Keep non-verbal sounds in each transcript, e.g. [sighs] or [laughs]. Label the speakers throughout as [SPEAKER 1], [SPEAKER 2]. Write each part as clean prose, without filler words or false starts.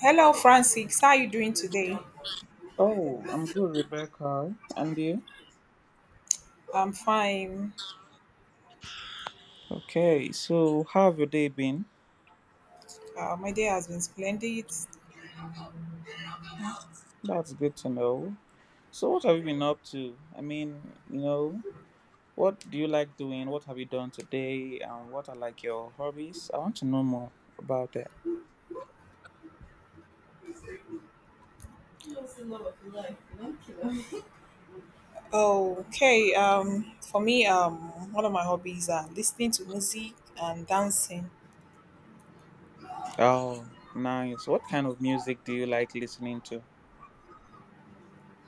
[SPEAKER 1] Hello, Francis. How are you doing today?
[SPEAKER 2] Oh, I'm good, Rebecca. And you?
[SPEAKER 1] I'm fine.
[SPEAKER 2] Okay, so how have your day been?
[SPEAKER 1] My day has been splendid.
[SPEAKER 2] That's good to know. So, what have you been up to? I mean, what do you like doing? What have you done today? And what are like your hobbies? I want to know more about that.
[SPEAKER 1] Okay. For me, one of my hobbies are listening to music and dancing.
[SPEAKER 2] Oh, nice. What kind of music do you like listening to?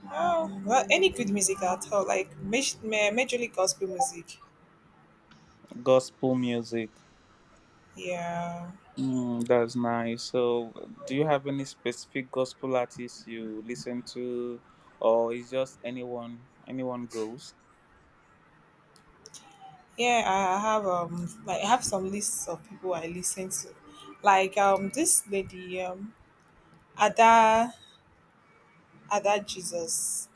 [SPEAKER 1] Oh, well, any good music at all, like majorly gospel music.
[SPEAKER 2] Gospel music.
[SPEAKER 1] Yeah,
[SPEAKER 2] That's nice. So, do you have any specific gospel artists you listen to, or is just anyone goes?
[SPEAKER 1] yeah. I have like I have some lists of people I listen to, like this lady Ada Ada Jesus.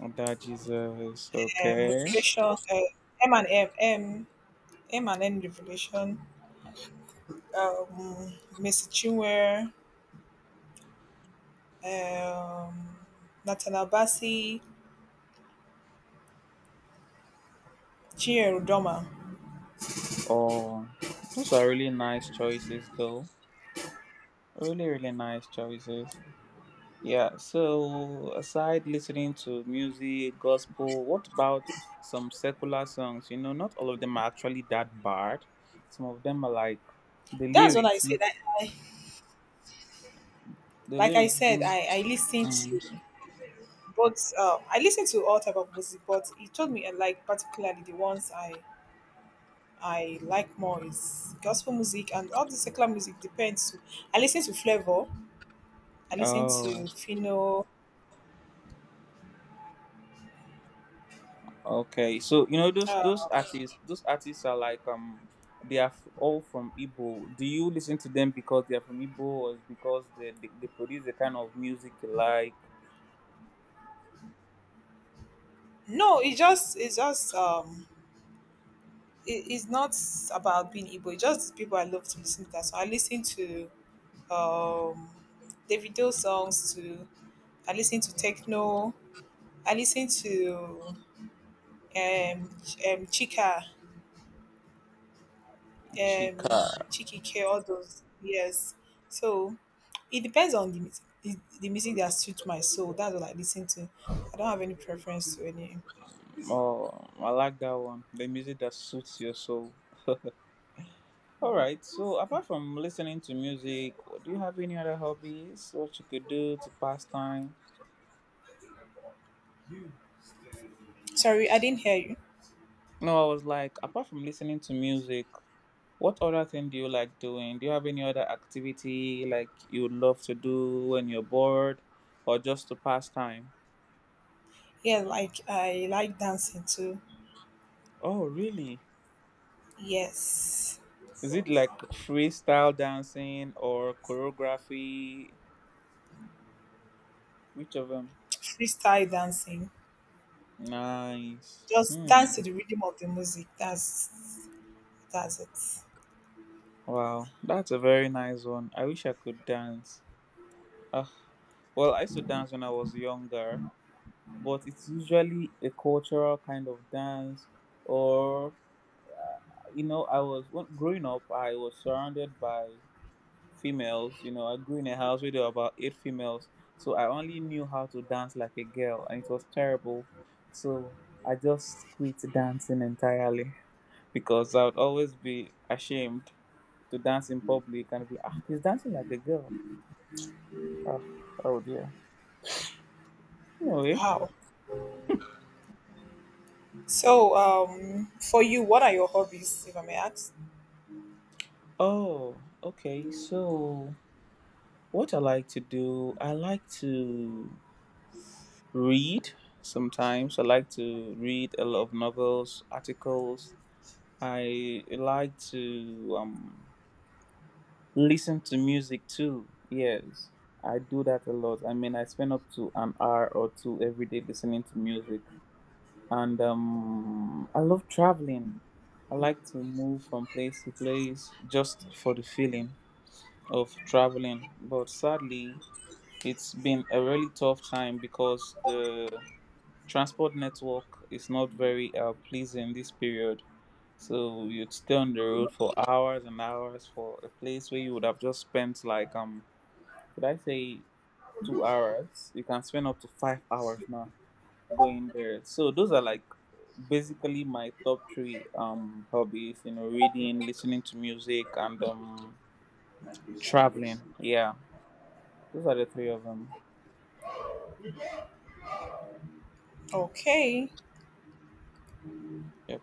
[SPEAKER 2] Oh, that Jesus, okay.
[SPEAKER 1] Revelation, M and M, M, M and N revelation, um, Messi Chinwe, um, Nathaniel Bassey, Chinyere Udoma.
[SPEAKER 2] Oh, those are really nice choices, though. Really, really nice choices. Yeah, so aside listening to music, gospel, what about some secular songs? You know, not all of them are actually that bad. Some of them are like the
[SPEAKER 1] That's what I
[SPEAKER 2] lyrics,
[SPEAKER 1] said.
[SPEAKER 2] make-
[SPEAKER 1] I,
[SPEAKER 2] the
[SPEAKER 1] like I
[SPEAKER 2] lyrics
[SPEAKER 1] said,
[SPEAKER 2] do.
[SPEAKER 1] I listen to
[SPEAKER 2] Mm.
[SPEAKER 1] both. I listen to all type of music, but he told me, and like particularly the ones I like more is gospel music, and all the secular music depends. I listen to Flavor. I listen
[SPEAKER 2] Oh,
[SPEAKER 1] to Fino.
[SPEAKER 2] okay, so you know those
[SPEAKER 1] Uh,
[SPEAKER 2] those artists those artists are like they are all from Igbo. Do you listen to them because they are from Igbo, or is because they produce the kind of music you like?
[SPEAKER 1] no, it's just it's not about being Igbo. It's just people I love to listen to that. So I listen to um Davido songs to. I listen to techno. I listen to Chika,
[SPEAKER 2] Chika?
[SPEAKER 1] Chiki K, all those, yes. So it depends on the music, the music that suits my soul. That's what I listen to. I don't have any preference to any.
[SPEAKER 2] Oh, I like that one. The music that suits your soul. [laughs] All right. So apart from listening to music, do you have any other hobbies? What you could do to pass time?
[SPEAKER 1] Sorry, I didn't hear you.
[SPEAKER 2] No, I was like apart from listening to music. What other thing do you like doing? Do you have any other activity like you would love to do when you're bored or just to pass time?
[SPEAKER 1] Yeah, like I like dancing too.
[SPEAKER 2] Oh, really?
[SPEAKER 1] Yes.
[SPEAKER 2] Is it like freestyle dancing or choreography? Which of them?
[SPEAKER 1] Freestyle dancing.
[SPEAKER 2] Nice.
[SPEAKER 1] Just
[SPEAKER 2] Hmm.
[SPEAKER 1] dance to the rhythm of the music. That's it.
[SPEAKER 2] Wow, that's a very nice one. I wish I could dance. Ah, well, I used to dance when I was younger, but it's usually a cultural kind of dance or uh, you know, I was when, growing up, I was surrounded by females. You know, I grew in a house where there were about eight females, so I only knew how to dance like a girl, and it was terrible. So I just quit dancing entirely [laughs] because I would always be ashamed to dance in public and be like, ah, he's dancing like a girl. Ah, oh dear. Anyway,
[SPEAKER 1] Wow. So, for you, what are your hobbies, if I may ask?
[SPEAKER 2] oh, okay. So what I like to do, I like to read sometimes. I like to read a lot of novels, articles. I like to listen to music too. Yes, I do that a lot. I mean, I spend up to an hour or two every day listening to music. And I love traveling. I like to move from place to place just for the feeling of traveling. But sadly, it's been a really tough time because the transport network is not very pleasing this period. So you'd stay on the road for hours and hours for a place where you would have just spent like could I say 2 hours? You can spend up to 5 hours now going there. So those are like basically my top three hobbies, you know, reading, listening to music and traveling. Yeah. Those are the three of them.
[SPEAKER 1] Okay.
[SPEAKER 2] Yep.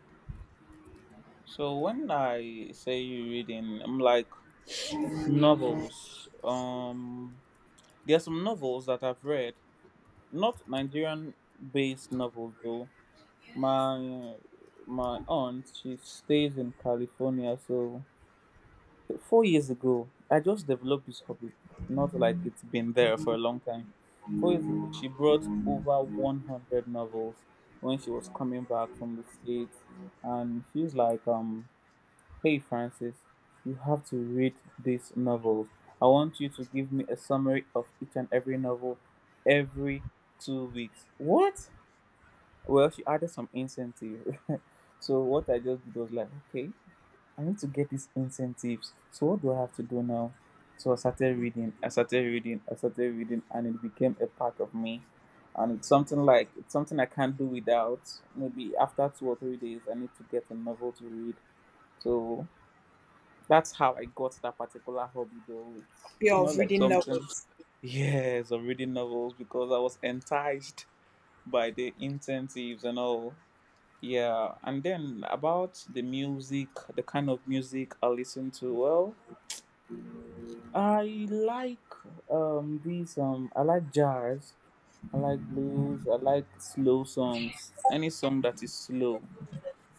[SPEAKER 2] So when I say reading, I'm like novels. There are some novels that I've read, not Nigerian-based novels though. My my aunt, she stays in California, so 4 years ago, I just developed this hobby. Not like it's been there for a long time. 4 years ago, she brought over 100 novels when she was coming back from the States, and she's like, hey Francis, you have to read these novels. I want you to give me a summary of each and every novel every 2 weeks. What? Well, she added some incentive. [laughs] So what I just did was like, okay, I need to get these incentives. So what do I have to do now? So I started reading, I started reading, I started reading, and it became a part of me. And it's something like it's something I can't do without. Maybe after 2 or 3 days, I need to get a novel to read. So that's how I got that particular hobby though. It's
[SPEAKER 1] Hobby
[SPEAKER 2] it's
[SPEAKER 1] of
[SPEAKER 2] not like
[SPEAKER 1] reading
[SPEAKER 2] something.
[SPEAKER 1] novels.
[SPEAKER 2] Yes, of reading novels because I was enticed by the incentives and all. Yeah, and then about the music, the kind of music I listen to. Well, I like I like jazz, I like blues, I like slow songs. Any song that is slow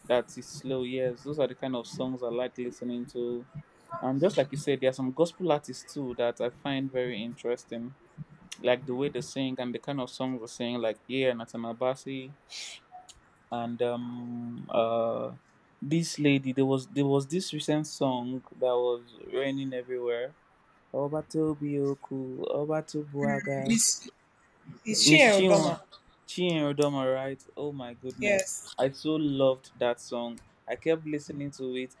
[SPEAKER 2] that is slow. Yes, those are the kind of songs I like listening to. And just like you said, there are some gospel artists too that I find very interesting, like the way they sing and the kind of songs they sing, like yeah, Nathaniel Bassey and this lady. There was this recent song that was raining everywhere. Obatobioku, Obatubuaga,
[SPEAKER 1] Miss, is she
[SPEAKER 2] Miss
[SPEAKER 1] a
[SPEAKER 2] Chinwo,
[SPEAKER 1] Rodoma?
[SPEAKER 2] Chinrodoma, right? Oh my goodness,
[SPEAKER 1] Yes.
[SPEAKER 2] I so loved that song. I kept listening to it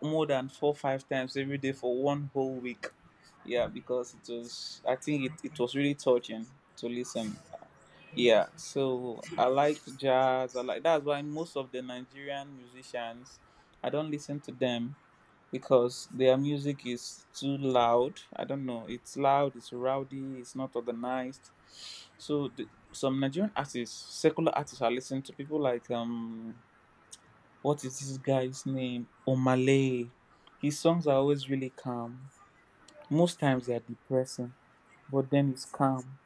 [SPEAKER 2] more than 4 or 5 times every day for one whole week. Yeah, because it was, I think it was really touching to listen. Yeah, so I like jazz, I like that's why most of the Nigerian musicians I don't listen to them because their music is too loud. I don't know, it's loud, it's rowdy, it's not organized. So some Nigerian artists, secular artists, I listen to people like what is this guy's name? Omale. His songs are always really calm. Most times they are depressing, but then it's calm.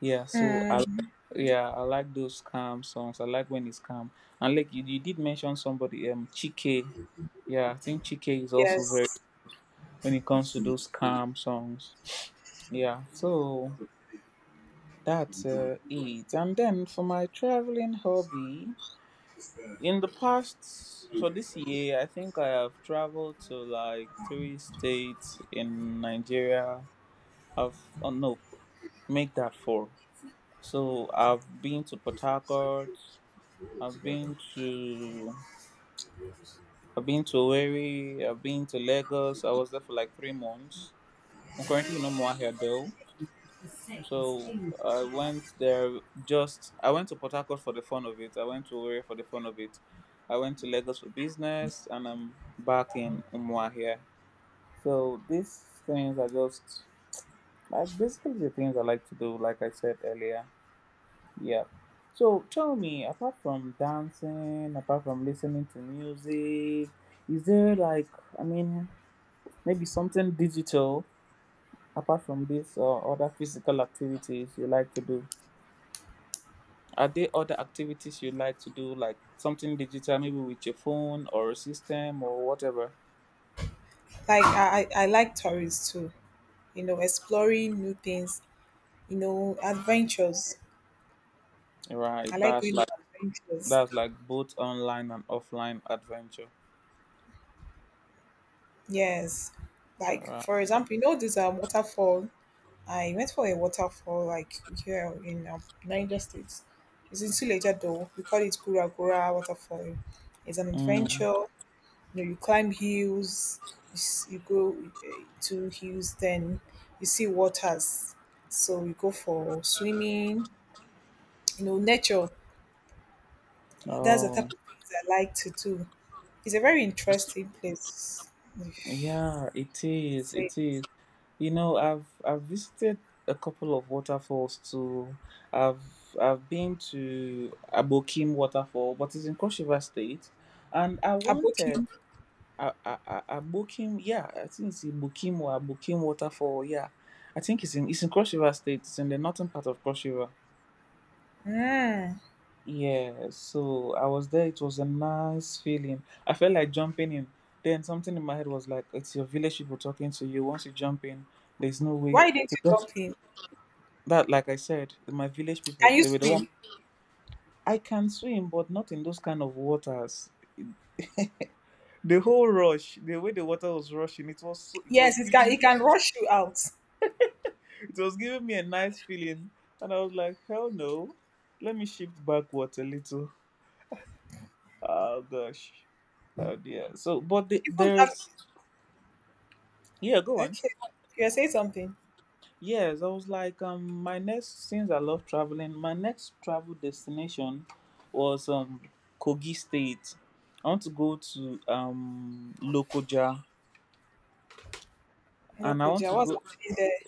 [SPEAKER 2] Yeah, so
[SPEAKER 1] Hmm.
[SPEAKER 2] yeah, I like those calm songs. I like when it's calm. And like you did mention somebody, Chike. Yeah, I think Chike is also very
[SPEAKER 1] Yes.
[SPEAKER 2] when it comes to those calm songs. Yeah. So that's it. And then for my traveling hobby, in the past, for this year, I think I have traveled to like three states in Nigeria. I've, oh no, make that four. So I've been to Port Harcourt, I've been to, I've been to Owerri, I've been to Lagos. I was there for like 3 months. I'm currently no more here though.
[SPEAKER 1] Like
[SPEAKER 2] So I went there I went to Port Harcourt for the fun of it. I went to Owerri for the fun of it. I went to Lagos for business and I'm back in Umwa here. So these things are just like basically the things I like to do, like I said earlier. Yeah. So tell me, apart from dancing, apart from listening to music, is there like, I mean, maybe something digital apart from this or other physical activities you like to do? Are there other activities you like to do, like something digital, maybe with your phone or a system or whatever?
[SPEAKER 1] I like tourists too. You know, exploring new things. You know, adventures. I
[SPEAKER 2] Right.
[SPEAKER 1] like
[SPEAKER 2] That's
[SPEAKER 1] going
[SPEAKER 2] like
[SPEAKER 1] on adventures.
[SPEAKER 2] both online and offline adventure.
[SPEAKER 1] Yes.
[SPEAKER 2] All
[SPEAKER 1] Like
[SPEAKER 2] right.
[SPEAKER 1] for example, you know this waterfall. I went for a waterfall like here in Niger State. It's in Suleja though. We call it Gura Gura Waterfall. It's an
[SPEAKER 2] Mm.
[SPEAKER 1] adventure. You know, you climb hills. You go to hills, then you see waters. So you go for swimming. You know, nature. That's the
[SPEAKER 2] Oh,
[SPEAKER 1] type of things I like to do. It's a very interesting place. If—
[SPEAKER 2] yeah, it
[SPEAKER 1] I'd
[SPEAKER 2] is.
[SPEAKER 1] say
[SPEAKER 2] It is. You know, I've visited a couple of waterfalls too. I've I've been to Abokim Waterfall, but it's in Cross River State, and I
[SPEAKER 1] Aboki.
[SPEAKER 2] wanted Abokim, yeah, I think it's in Ibokim or Abokim waterfall. Yeah, I think it's in Cross River State. It's in the northern part of Cross River.
[SPEAKER 1] Mm.
[SPEAKER 2] Yeah, so I was there. It was a nice feeling. I felt like jumping in. Then something in my head was like, "It's your village people talking to you. Once you jump in, there's no way."
[SPEAKER 1] Why didn't you
[SPEAKER 2] Because
[SPEAKER 1] jump in?
[SPEAKER 2] that, like I said, my village
[SPEAKER 1] Can
[SPEAKER 2] people,
[SPEAKER 1] you
[SPEAKER 2] they were the
[SPEAKER 1] swim?
[SPEAKER 2] one. I can swim, but not in those kind of waters. The whole rush, the way the water was rushing, it was so, it
[SPEAKER 1] Yes,
[SPEAKER 2] was
[SPEAKER 1] it can.
[SPEAKER 2] giving
[SPEAKER 1] It
[SPEAKER 2] me.
[SPEAKER 1] can rush you out.
[SPEAKER 2] It was giving me a nice feeling, and I was like, hell no. Let me shift backwards a little. Oh gosh. Oh dear. So, but
[SPEAKER 1] Even have,
[SPEAKER 2] there's, yeah. Go on.
[SPEAKER 1] okay, you're saying something.
[SPEAKER 2] Yes, I was like, my next, since I love traveling, my next travel destination was Kogi State. I want to go to Lokoja,
[SPEAKER 1] No,
[SPEAKER 2] and I want
[SPEAKER 1] Koja,
[SPEAKER 2] to
[SPEAKER 1] what's
[SPEAKER 2] go.
[SPEAKER 1] happening there?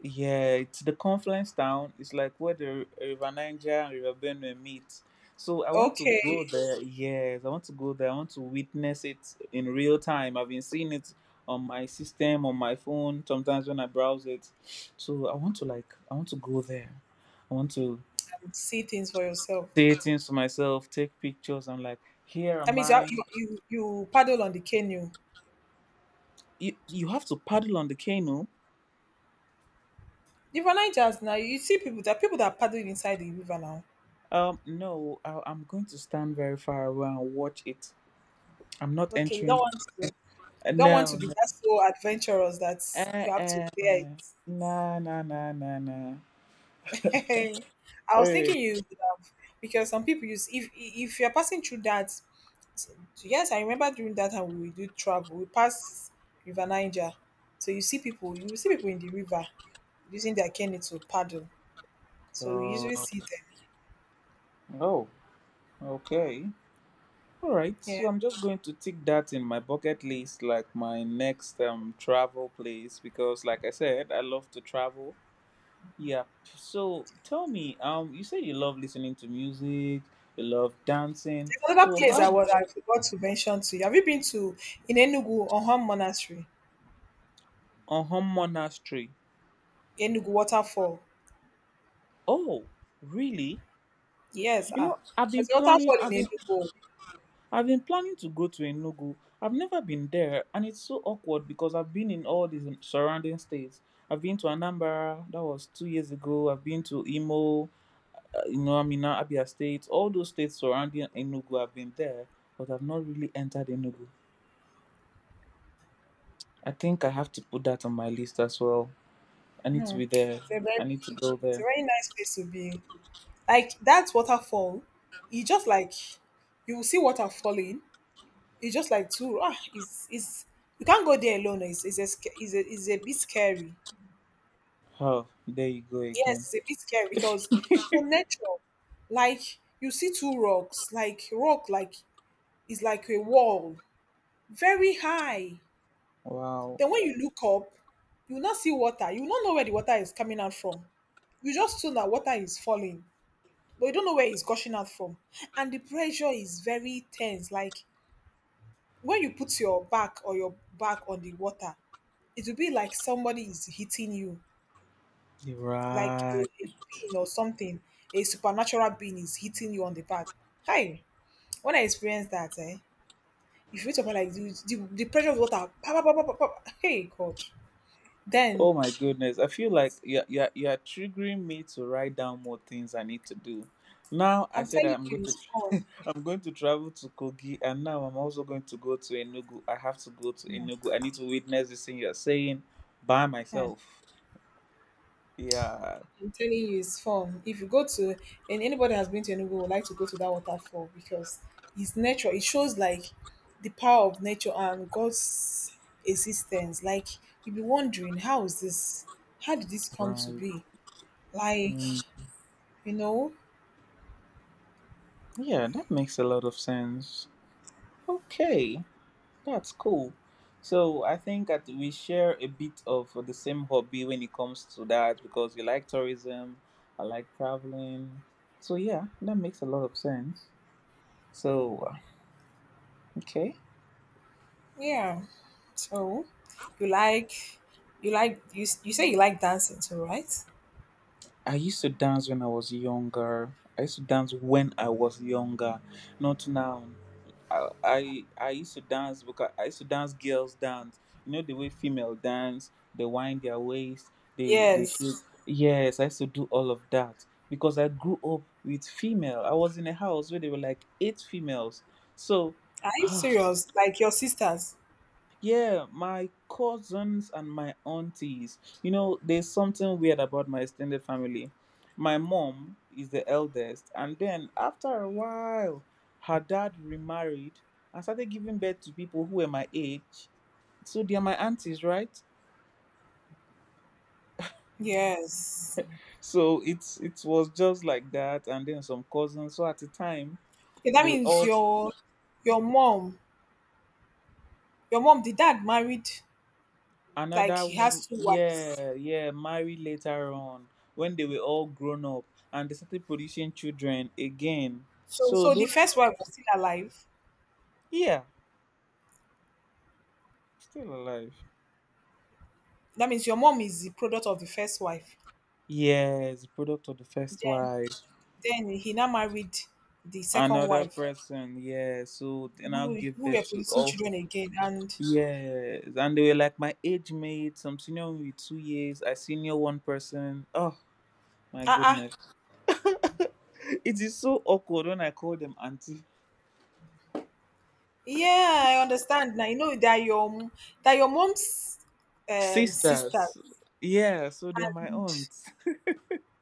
[SPEAKER 2] Yeah, it's the confluence town. It's like where the River Niger and River Benue meet. So I want to
[SPEAKER 1] Okay,
[SPEAKER 2] go there. Yes, I want to go there. I want to witness it in real time. I've been seeing it on my system, on my phone, sometimes when I browse it. So I want to, like, I want to go there. I want to
[SPEAKER 1] and see things for yourself.
[SPEAKER 2] say things to myself, take pictures. I'm like, here
[SPEAKER 1] That
[SPEAKER 2] am
[SPEAKER 1] means
[SPEAKER 2] I.
[SPEAKER 1] you paddle on the canoe.
[SPEAKER 2] You have to paddle on the canoe.
[SPEAKER 1] The Nigerians now, you see people that paddle inside the river now.
[SPEAKER 2] No, I'm going to stand very far away and watch it. I'm not
[SPEAKER 1] Okay, you don't
[SPEAKER 2] entering.
[SPEAKER 1] want to. You don't want to
[SPEAKER 2] No,
[SPEAKER 1] be that so adventurous that you have to
[SPEAKER 2] uh-uh.
[SPEAKER 1] bear it.
[SPEAKER 2] Nah, nah, nah, nah, nah.
[SPEAKER 1] [laughs] I was
[SPEAKER 2] Hey.
[SPEAKER 1] thinking you would have, because some people use if you're passing through that. So— yes, I remember during that time we do travel. We pass River Niger, so you see people. You will see people in the river using their canoe to paddle. So we
[SPEAKER 2] God.
[SPEAKER 1] usually see them.
[SPEAKER 2] Oh, okay. All right.
[SPEAKER 1] Yeah.
[SPEAKER 2] So I'm just going to tick that in my bucket list, like my next travel place, because like I said, I love to travel. Yeah. So tell me, you said you love listening to music, you love dancing.
[SPEAKER 1] There's another
[SPEAKER 2] So
[SPEAKER 1] place
[SPEAKER 2] how
[SPEAKER 1] I
[SPEAKER 2] do?
[SPEAKER 1] was— I forgot to mention to you. Have you been to in Enugu Oham Monastery?
[SPEAKER 2] On home monastery?
[SPEAKER 1] Enugu waterfall.
[SPEAKER 2] Oh, really?
[SPEAKER 1] Yes,
[SPEAKER 2] You
[SPEAKER 1] ah,
[SPEAKER 2] know, I've been
[SPEAKER 1] there's a
[SPEAKER 2] planning.
[SPEAKER 1] waterfall
[SPEAKER 2] I've
[SPEAKER 1] in
[SPEAKER 2] been
[SPEAKER 1] Enugu.
[SPEAKER 2] I've been planning to go to Enugu. I've never been there, and it's so awkward because I've been in all these surrounding states. I've been to Anambra, that was 2 years ago. I've been to Imo, I'm in Abia State. All those states surrounding Enugu, I've been there, but I've not really entered Enugu. I think I have to put that on my list as well. I need to
[SPEAKER 1] Hmm.
[SPEAKER 2] be there.
[SPEAKER 1] It's a very—
[SPEAKER 2] I need to go
[SPEAKER 1] it's a
[SPEAKER 2] there.
[SPEAKER 1] very nice place to be. Like that waterfall, you just like you will see water falling. You just like too— ah, it's— it's. You can't go there alone. It's a bit scary.
[SPEAKER 2] Oh, there you go again.
[SPEAKER 1] Yes, it's a bit scary because, you know, nature, like you see two rocks, like rock, like is like a wall, very high.
[SPEAKER 2] Wow.
[SPEAKER 1] Then when you look up, you will not see water. You will not know where the water is coming out from. You just know that water is falling, but you don't know where it's gushing out from. And the pressure is very tense. Like when you put your back, or your back on the water, it will be like somebody is hitting you,
[SPEAKER 2] You're
[SPEAKER 1] like
[SPEAKER 2] right.
[SPEAKER 1] a being or something, a supernatural being is hitting you on the back. Hi, when I experienced that, eh, if you wait up like the pressure of water, pa, pa, pa, pa, pa, pa, hey God, then—
[SPEAKER 2] Oh my goodness. I feel like you're triggering me to write down more things I need to do. Now I
[SPEAKER 1] I'm
[SPEAKER 2] said
[SPEAKER 1] telling
[SPEAKER 2] I'm
[SPEAKER 1] you,
[SPEAKER 2] going to
[SPEAKER 1] it's fun.
[SPEAKER 2] [laughs] I'm going to travel to Kogi, and now I'm also going to go to Enugu. I have to go to Enugu. I need to witness this thing you're saying by
[SPEAKER 1] Yeah.
[SPEAKER 2] myself. Yeah,
[SPEAKER 1] I'm telling you, it's fun. If you go to— and anybody has been to Enugu would like to go to that waterfall, because it's nature. It shows like the power of nature and God's existence. Like you'll be wondering, how is this? How did this come to
[SPEAKER 2] right.
[SPEAKER 1] be? Like,
[SPEAKER 2] Mm,
[SPEAKER 1] you know,
[SPEAKER 2] yeah, that makes a lot of sense. Okay. That's cool. So I think that we share a bit of the same hobby when it comes to that, because you like tourism, I like traveling. So yeah, that makes a lot of sense. So okay.
[SPEAKER 1] yeah. So you like— you like you— you say you like dancing too, right?
[SPEAKER 2] I used to dance when I was younger. I used to dance when I was younger, not now. I used to dance because I used to dance girls dance. You know the way female dance, they wind their waist, they shoot.
[SPEAKER 1] Yes.
[SPEAKER 2] Yes, I used to do all of that because I grew up with female. I was in a house where there were like eight females, so
[SPEAKER 1] Are you
[SPEAKER 2] [sighs]
[SPEAKER 1] serious? Like your sisters?
[SPEAKER 2] yeah, my cousins and my aunties. You know, there's something weird about my extended family. My mom is the eldest, and then after a while, her dad remarried and started giving birth to people who were my age. So they are my aunties, right?
[SPEAKER 1] Yes.
[SPEAKER 2] So it was just like that, and then some cousins. So at the time,
[SPEAKER 1] Okay, that
[SPEAKER 2] they
[SPEAKER 1] means
[SPEAKER 2] all
[SPEAKER 1] your— your mom— your mom, the dad married, like
[SPEAKER 2] another
[SPEAKER 1] he
[SPEAKER 2] woman,
[SPEAKER 1] has two wives.
[SPEAKER 2] yeah, yeah, married later on when they were all grown up and they started producing children again,
[SPEAKER 1] So,
[SPEAKER 2] so
[SPEAKER 1] so the
[SPEAKER 2] those,
[SPEAKER 1] first wife was still alive.
[SPEAKER 2] yeah, still alive.
[SPEAKER 1] That means your mom is the product of the first wife.
[SPEAKER 2] Yes, product of the first
[SPEAKER 1] Then
[SPEAKER 2] wife,
[SPEAKER 1] then he now married the second
[SPEAKER 2] another
[SPEAKER 1] wife,
[SPEAKER 2] person, yeah, so they now
[SPEAKER 1] who—
[SPEAKER 2] give
[SPEAKER 1] who were
[SPEAKER 2] birth to
[SPEAKER 1] producing
[SPEAKER 2] all.
[SPEAKER 1] children again. And
[SPEAKER 2] Yes, and they were like my age mate, some senior me with 2 years, I senior one person. Oh my
[SPEAKER 1] ah uh-uh,
[SPEAKER 2] goodness, it is so awkward when I call them auntie.
[SPEAKER 1] yeah, I understand now. You know that your— that your mom's sisters.
[SPEAKER 2] Sisters, yeah, so they're my
[SPEAKER 1] And
[SPEAKER 2] aunt.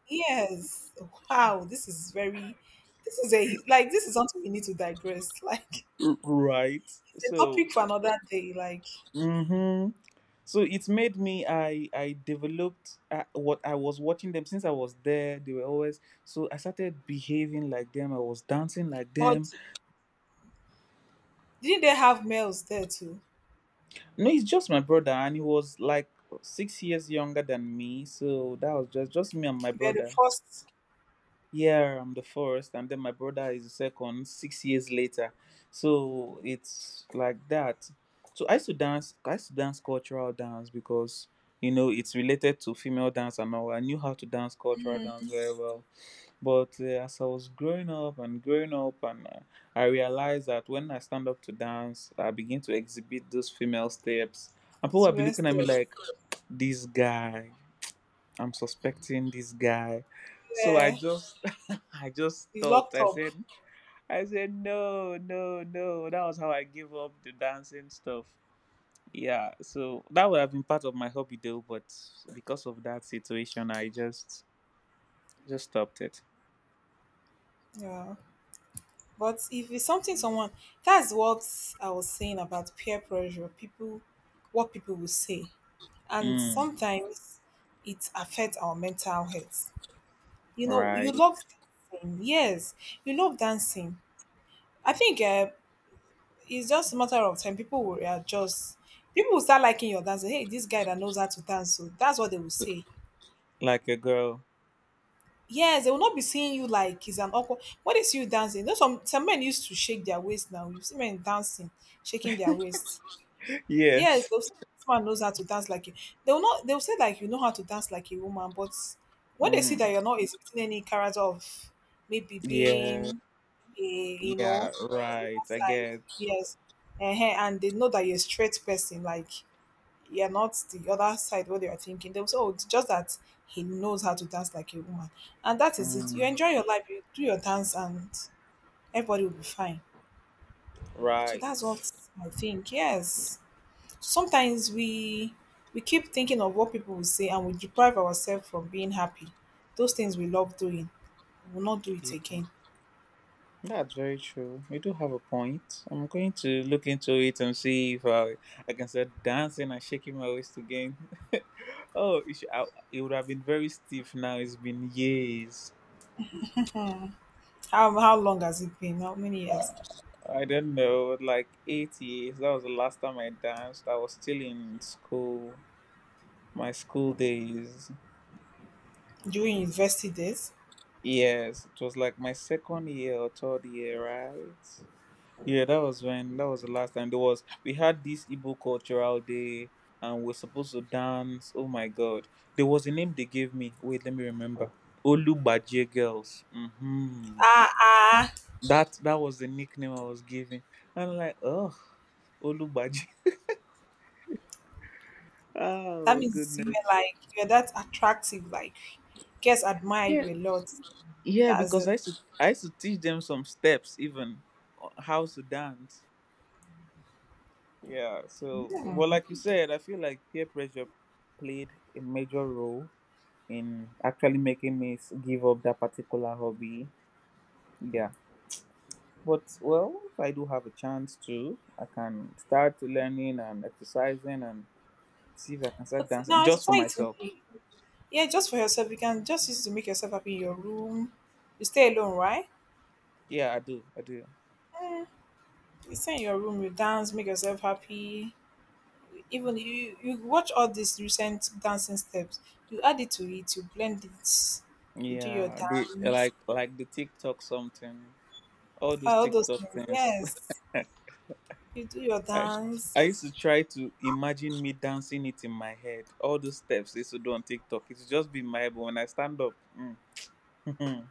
[SPEAKER 1] yes, wow, this is very— this is a— like this is something we need to digress. [laughs] Like it's
[SPEAKER 2] Right.
[SPEAKER 1] a
[SPEAKER 2] So
[SPEAKER 1] topic for another day. Like—
[SPEAKER 2] mhm. So it made me, I developed what I was watching them since I was there, they were always, so I started behaving like them, I was dancing like them.
[SPEAKER 1] But didn't they have males there too?
[SPEAKER 2] No, it's just my brother, and he was like 6 years younger than me, so that was just me and my
[SPEAKER 1] They were the
[SPEAKER 2] brother.
[SPEAKER 1] first.
[SPEAKER 2] Yeah, I'm the first, and then my brother is the second, 6 years later. So it's like that. So I used to dance, I used to dance cultural dance because you know it's related to female dance, and I knew how to dance cultural dance very well. But as I was growing up, and I realized that when I stand up to dance, I begin to exhibit those female steps, and people will be
[SPEAKER 1] Serious
[SPEAKER 2] looking at me
[SPEAKER 1] steps.
[SPEAKER 2] like, this guy. I'm suspecting this guy. So I
[SPEAKER 1] Yeah,
[SPEAKER 2] just [laughs] I just
[SPEAKER 1] be
[SPEAKER 2] stopped.
[SPEAKER 1] locked
[SPEAKER 2] I
[SPEAKER 1] up.
[SPEAKER 2] said, I said no, no, no. That was how I gave up the dancing stuff. Yeah, so that would have been part of my hobby though, but because of that situation I just stopped it.
[SPEAKER 1] Yeah. But if it's something someone— that's what I was saying about peer pressure, people— what people will say. And
[SPEAKER 2] Mm,
[SPEAKER 1] sometimes it affects our mental health. You know,
[SPEAKER 2] right.
[SPEAKER 1] you love dancing. Yes, you love dancing. I think it's just a matter of time. People will readjust. People will start liking your dancing. Hey, this guy that knows how to dance, so that's what they will say.
[SPEAKER 2] Like a girl.
[SPEAKER 1] Yes, they will not be seeing you like it's an awkward. When they see you dancing, you know, some men used to shake their waist. Now you see men dancing, shaking their waist. Yes,
[SPEAKER 2] Yes.
[SPEAKER 1] they'll say, this man knows how to dance like you. They will not. They will say, like, you know how to dance like a woman, but when they see that
[SPEAKER 2] Mm,
[SPEAKER 1] you're not exhibiting any character of maybe
[SPEAKER 2] yeah.
[SPEAKER 1] being a, you
[SPEAKER 2] Yeah,
[SPEAKER 1] know, on
[SPEAKER 2] right.
[SPEAKER 1] that
[SPEAKER 2] I
[SPEAKER 1] side,
[SPEAKER 2] get.
[SPEAKER 1] yes, uh, and they know that you're a straight person, like you're not the other side what you're thinking. They'll say, oh, it's just that he knows how to dance like a woman. And that is it. You
[SPEAKER 2] Mm,
[SPEAKER 1] enjoy your life, you do your dance, and everybody will be fine. So that's what
[SPEAKER 2] right.
[SPEAKER 1] I think. Yes. Sometimes we— we keep thinking of what people will say and we deprive ourselves from being happy. Those things we love doing, we will not do it again.
[SPEAKER 2] That's very true. You do have a point. I'm going to look into it and see if I, I can start dancing and shaking my waist again. [laughs] Oh, it, should, I, it would have been very stiff now. It's been years.
[SPEAKER 1] How long has it been? How many years?
[SPEAKER 2] I don't know, like 8 years. That was the last time I danced. I was still in school, my school days.
[SPEAKER 1] During university days?
[SPEAKER 2] Yes, it was like my second year or third year, right? Yeah, that was when, that was the last time, there was, we had this Igbo cultural day and we're supposed to dance. Oh my god. There was a name they gave me. Wait, let me remember. Olubaje girls. Mm-hmm.
[SPEAKER 1] Ah ah.
[SPEAKER 2] That that was the nickname I was given. And I'm like, oh, Olubaje. [laughs]
[SPEAKER 1] That
[SPEAKER 2] Oh
[SPEAKER 1] means you were
[SPEAKER 2] goodness.
[SPEAKER 1] like you're that attractive, like guys admire you a lot.
[SPEAKER 2] Yeah,
[SPEAKER 1] That's it.
[SPEAKER 2] because I used to, I used to teach them some steps even, how to dance. Yeah. So well, like you said, I feel like peer pressure played a major role in actually making me give up that particular hobby. Yeah. But well, if I do have a chance to, I can start learning and exercising and see if I can
[SPEAKER 1] But
[SPEAKER 2] start dancing
[SPEAKER 1] now it's
[SPEAKER 2] just for
[SPEAKER 1] exciting.
[SPEAKER 2] myself.
[SPEAKER 1] Yeah, just for yourself. You can just use it to make yourself happy in your room. You stay alone, right?
[SPEAKER 2] Yeah, I do. I do.
[SPEAKER 1] Mm, you stay in your room, you dance, make yourself happy. Even you watch all these recent dancing steps. You add it to it, you blend it, you do your
[SPEAKER 2] Yeah, the
[SPEAKER 1] dance.
[SPEAKER 2] like the TikTok something, all those
[SPEAKER 1] Ah, all those
[SPEAKER 2] TikTok
[SPEAKER 1] things,
[SPEAKER 2] things.
[SPEAKER 1] yes. You do your
[SPEAKER 2] [laughs] I I used
[SPEAKER 1] dance.
[SPEAKER 2] to try to imagine me dancing it in my head. All those steps they used to do on TikTok, it's just be my head. But when I stand up, mm,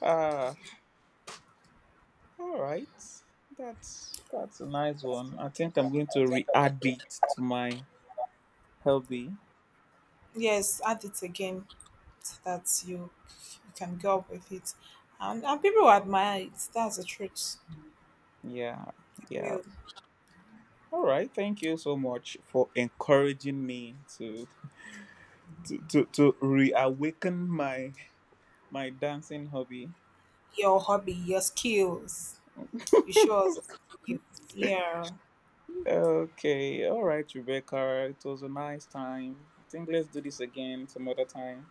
[SPEAKER 2] [laughs] ah, all right. That's a nice one. I think I'm going to re-add it to my hobby.
[SPEAKER 1] Yes, add it again. That you— you can go up with it, and people will admire it, that's the truth.
[SPEAKER 2] Yeah. Yeah.
[SPEAKER 1] Your—
[SPEAKER 2] All right. Thank you so much for encouraging me to to reawaken my my dancing hobby.
[SPEAKER 1] your hobby, your skills, you show us your skills. Yeah.
[SPEAKER 2] Okay. All right, Rebecca. It was a nice time. I think let's do this again some other time.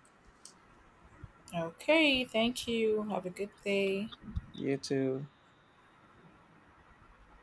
[SPEAKER 1] Okay, thank you, have a good day.
[SPEAKER 2] You too.